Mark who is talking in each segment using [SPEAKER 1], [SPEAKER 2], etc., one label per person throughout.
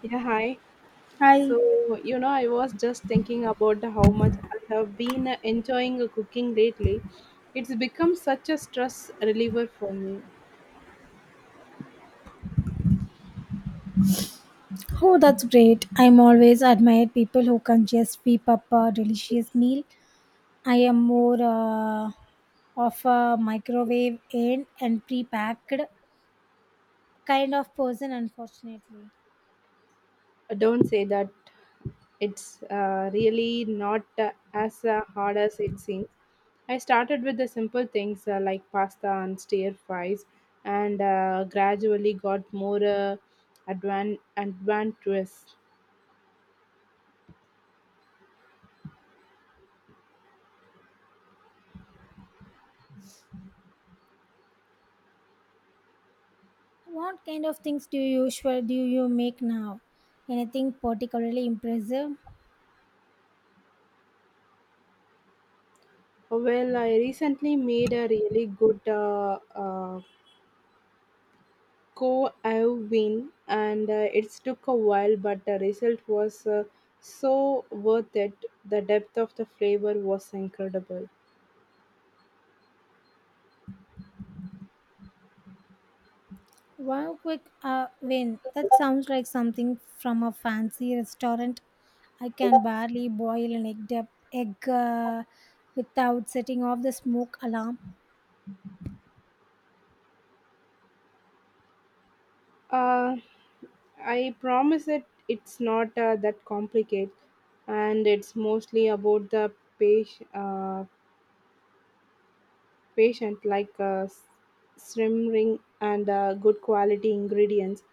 [SPEAKER 1] Yeah, hi.
[SPEAKER 2] Hi.
[SPEAKER 1] I was just thinking about how much I have been enjoying cooking lately. It's become such a stress reliever for me.
[SPEAKER 2] Oh, that's great. I'm always admired people who can just whip up a delicious meal. I am more of a microwave in and pre-packed kind of person, unfortunately.
[SPEAKER 1] Don't say that it's really not as hard as it seems. I started with the simple things like pasta and stir fries, and gradually got more adventurous.
[SPEAKER 2] What kind of things do you make now? Anything particularly impressive?
[SPEAKER 1] Well, I recently made a really good uh, co-win, and it took a while, but the result was so worth it. The depth of the flavor was incredible
[SPEAKER 2] One quick win. That sounds like something from a fancy restaurant. I can barely boil an egg, without setting off the smoke alarm.
[SPEAKER 1] uh, I promise that it's not that complicated, and it's mostly about the patient, uh, patient like uh, s- simmering and good quality ingredients.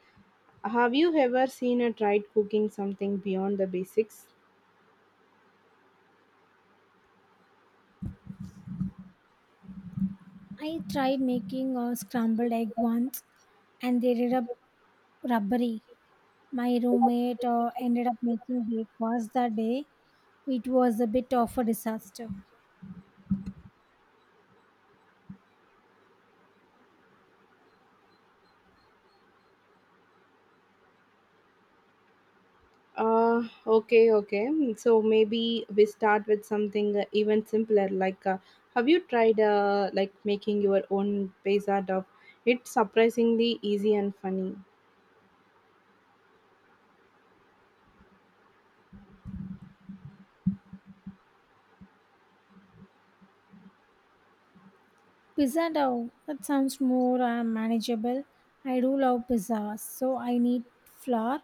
[SPEAKER 1] Have you ever seen a tried cooking something beyond the basics?
[SPEAKER 2] I tried making a scrambled egg once and they ended up rubbery. My roommate ended up making breakfast that day. It was a bit of a disaster.
[SPEAKER 1] Okay, okay. Mm, so maybe we start with something even simpler. Like, have you tried like making your own pizza dough? It's surprisingly easy and funny.
[SPEAKER 2] Pizza dough. That sounds more manageable. I do love pizza, so I need flour,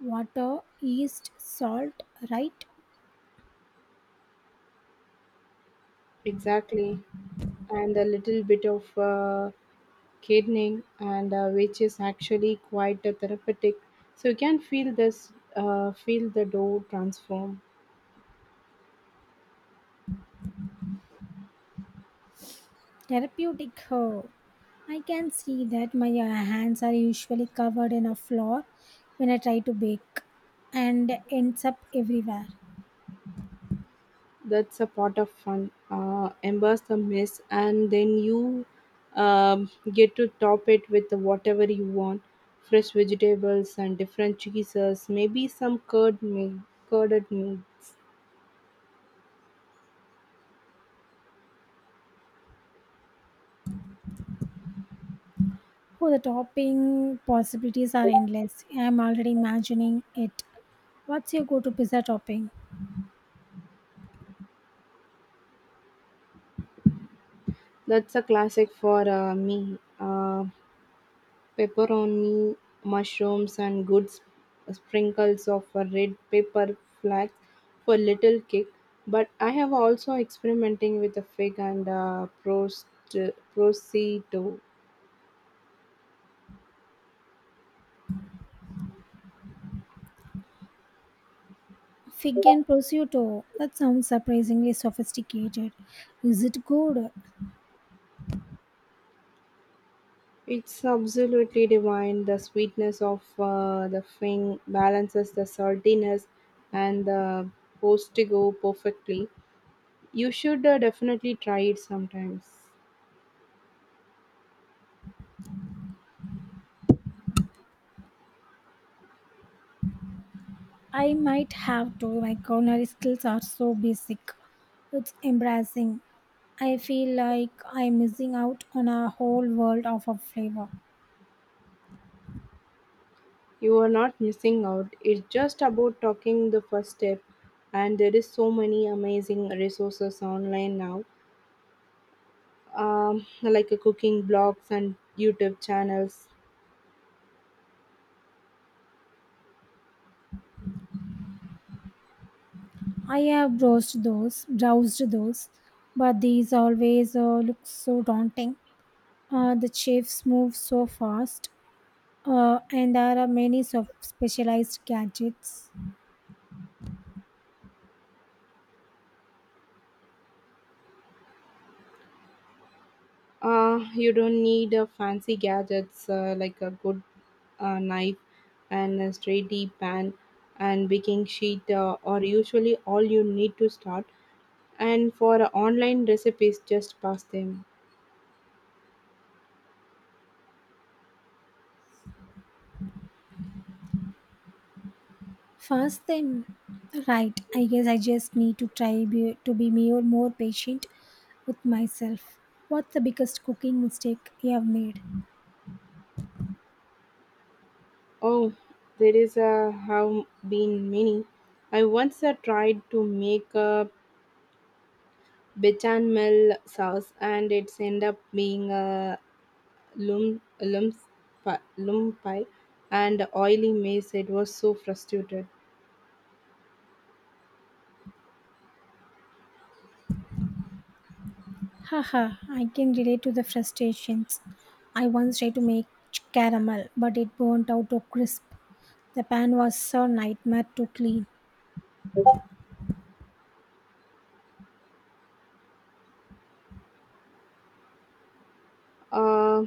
[SPEAKER 2] water, yeast, salt, right?
[SPEAKER 1] Exactly, and a little bit of gardening, and which is actually quite therapeutic. So you can feel the dough transform.
[SPEAKER 2] Therapeutic. Oh. I can see that my hands are usually covered in a flour when I try to bake and ends up everywhere.
[SPEAKER 1] That's a part of fun. Embrace the mess, and then you get to top it with whatever you want: fresh vegetables and different cheeses, maybe some curded milk.
[SPEAKER 2] Oh, the topping possibilities are endless. I'm already imagining it. What's your go to pizza topping?
[SPEAKER 1] That's a classic for me. Pepperoni, mushrooms, and good sprinkles of red pepper flakes for little kick. But I have also experimenting with a fig and prosciutto.
[SPEAKER 2] Fig and prosciutto. That sounds surprisingly sophisticated. Is it good?
[SPEAKER 1] It's absolutely divine. The sweetness of the thing balances the saltiness and the postigo perfectly. You should definitely try it sometimes.
[SPEAKER 2] I might have to. My culinary skills are so basic. It's embarrassing. I feel like I'm missing out on a whole world of a flavor.
[SPEAKER 1] You are not missing out. It's just about talking the first step, and there is so many amazing resources online now, like cooking blogs and YouTube channels.
[SPEAKER 2] I have browsed those, but these always look so daunting. The chefs move so fast, and there are many so specialized gadgets.
[SPEAKER 1] You don't need fancy gadgets like a good knife and a straight deep pan and baking sheet are usually all you need to start. And for online recipes, just pass them.
[SPEAKER 2] Fast thing, right, I guess I just need to try to be more patient with myself. What's the biggest cooking mistake you have made?
[SPEAKER 1] Oh, there is a have been many. I once tried to make a bechamel sauce, and it's end up being a lumpi and oily maize. It was so frustrated.
[SPEAKER 2] Haha, I can relate to the frustrations. I once tried to make caramel, but it burnt out to crisp. The pan was a nightmare to clean.
[SPEAKER 1] Uh,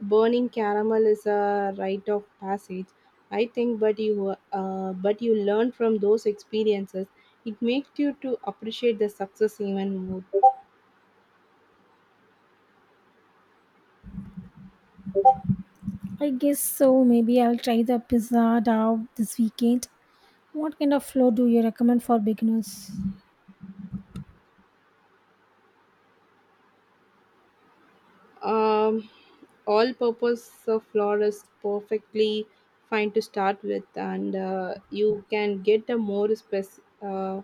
[SPEAKER 1] Burning caramel is a rite of passage, I think. But but you learn from those experiences. It makes you to appreciate the success even more.
[SPEAKER 2] I guess so. Maybe I'll try the pizza dough this weekend. What kind of flour do you recommend for beginners?
[SPEAKER 1] Um, All-purpose flour is perfectly fine to start with, and you can get a more specific.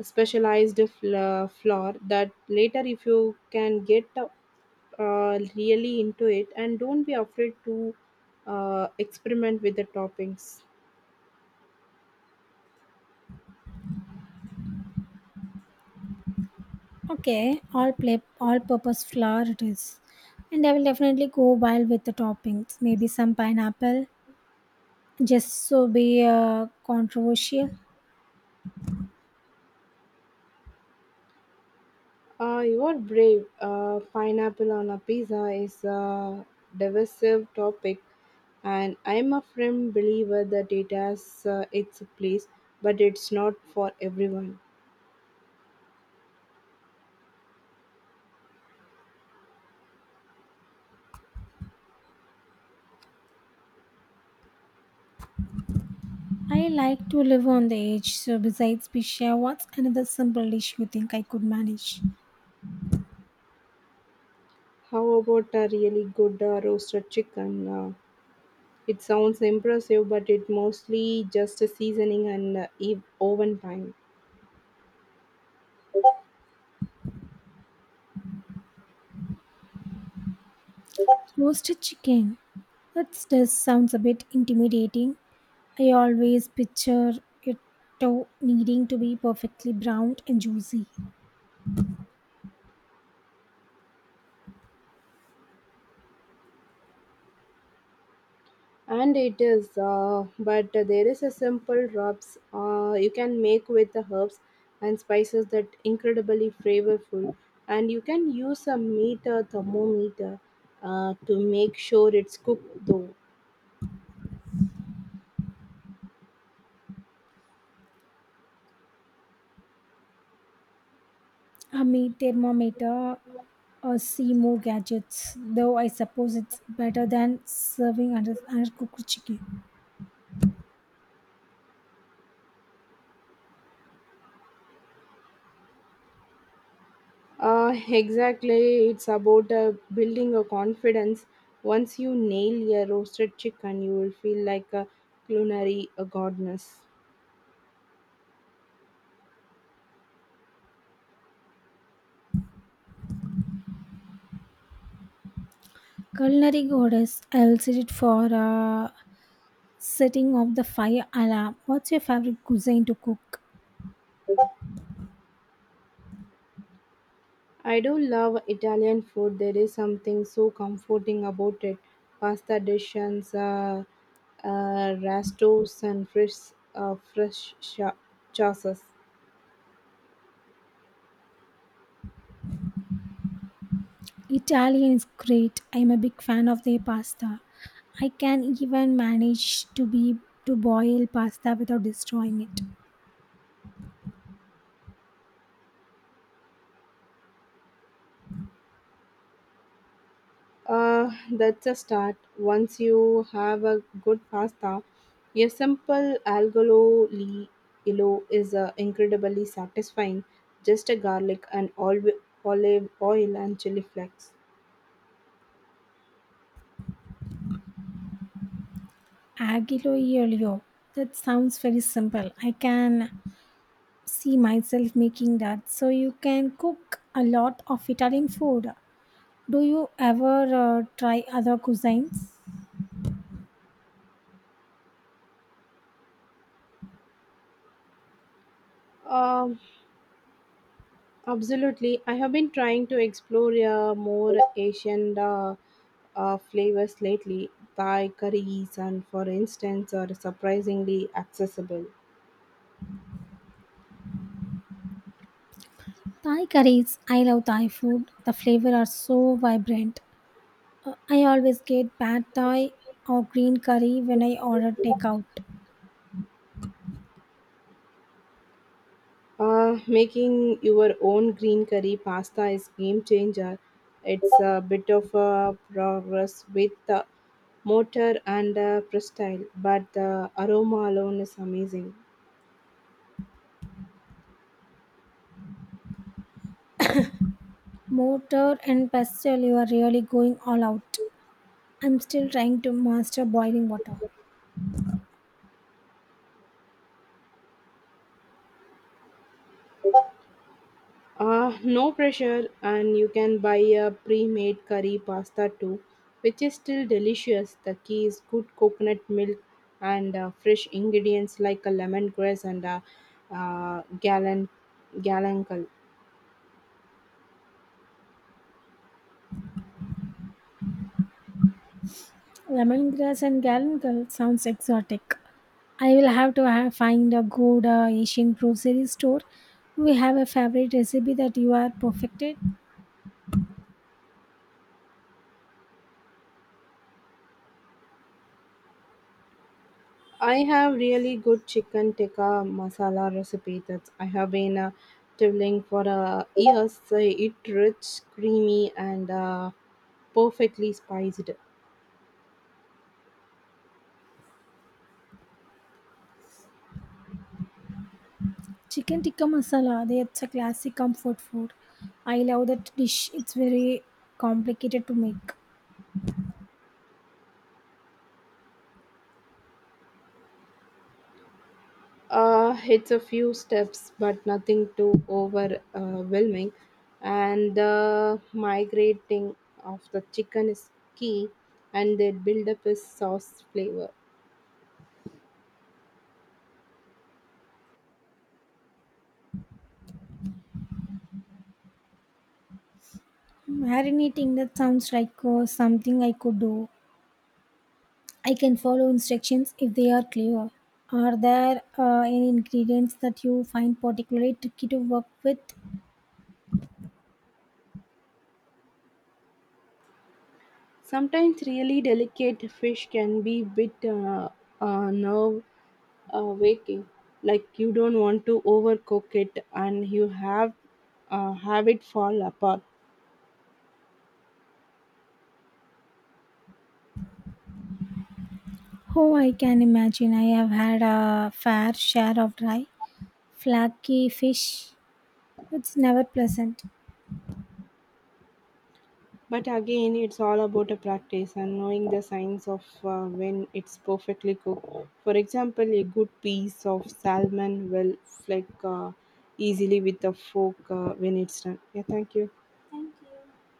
[SPEAKER 1] Specialized flour that later if you can get really into it, and don't be afraid to experiment with the toppings.
[SPEAKER 2] Okay, all purpose flour it is. And I will definitely go wild with the toppings. Maybe some pineapple, just so be controversial.
[SPEAKER 1] You are brave. Pineapple on a pizza is a divisive topic, and I'm a firm believer that it has its place, but it's not for everyone.
[SPEAKER 2] I like to live on the edge. So besides pizza, what's another simple dish you think I could manage?
[SPEAKER 1] How about a really good roasted chicken? It sounds impressive, but it mostly just a seasoning and oven time.
[SPEAKER 2] Roasted chicken. That does sounds a bit intimidating. I always picture it to needing to be perfectly browned and juicy.
[SPEAKER 1] And it is, but there is a simple rubs you can make with the herbs and spices that incredibly flavorful. And you can use a meter thermometer to make sure it's cooked though.
[SPEAKER 2] A meat thermometer or see more gadgets, though I suppose it's better than serving undercooked chicken.
[SPEAKER 1] Exactly, it's about building a confidence. Once you nail your roasted chicken, you will feel like a culinary a goddess.
[SPEAKER 2] Culinary goddess, I'll set it for setting off the fire alarm. What's your favorite cuisine to cook?
[SPEAKER 1] I do love Italian food. There is something so comforting about it. Pasta dishes, rastos, and fresh sauces.
[SPEAKER 2] Italian is great. I'm a big fan of their pasta. I can even manage to boil pasta without destroying it.
[SPEAKER 1] That's a start. Once you have a good pasta, a simple algolo li illo is incredibly satisfying. Just a garlic and olive oil and chili flakes.
[SPEAKER 2] Aglio e olio. That sounds very simple. I can see myself making that. So you can cook a lot of Italian food. Do you ever try other cuisines?
[SPEAKER 1] Um, Absolutely. I have been trying to explore more Asian flavors lately. Thai curries, and for instance, are surprisingly accessible.
[SPEAKER 2] Thai curries. I love Thai food. The flavor are so vibrant. I always get pad Thai or green curry when I order takeout.
[SPEAKER 1] Making your own green curry pasta is game changer. It's a bit of a progress with the mortar and press style, but the aroma alone is amazing.
[SPEAKER 2] Motor and pastel, you are really going all out. I'm still trying to master boiling water.
[SPEAKER 1] No pressure, and you can buy a pre made curry pasta too, which is still delicious. The key is good coconut milk and fresh ingredients like a lemongrass and a uh, galan, galangal.
[SPEAKER 2] Lemongrass and galangal sounds exotic. I will have to ha find a good Asian grocery store. We have a favorite recipe that you are perfected.
[SPEAKER 1] I have really good chicken tikka masala recipe that I have been traveling for years. So it rich, creamy, and perfectly spiced.
[SPEAKER 2] Chicken tikka masala. That's a classic comfort food. I love that dish. It's very complicated to make.
[SPEAKER 1] It's a few steps, but nothing too overwhelming. And the migrating of the chicken is key, and the buildup is sauce flavor.
[SPEAKER 2] Marinating. That sounds like something I could do. I can follow instructions if they are clear. Are there any ingredients that you find particularly tricky to work with?
[SPEAKER 1] Sometimes really delicate fish can be bit nerve waking. Like you don't want to overcook it, and you have it fall apart.
[SPEAKER 2] Oh, I can imagine. I have had a fair share of dry flaky fish. It's never pleasant.
[SPEAKER 1] But again, it's all about a practice and knowing the signs of when it's perfectly cooked. For example, a good piece of salmon will flake easily with a fork when it's done. Yeah, thank you.
[SPEAKER 2] Thank you.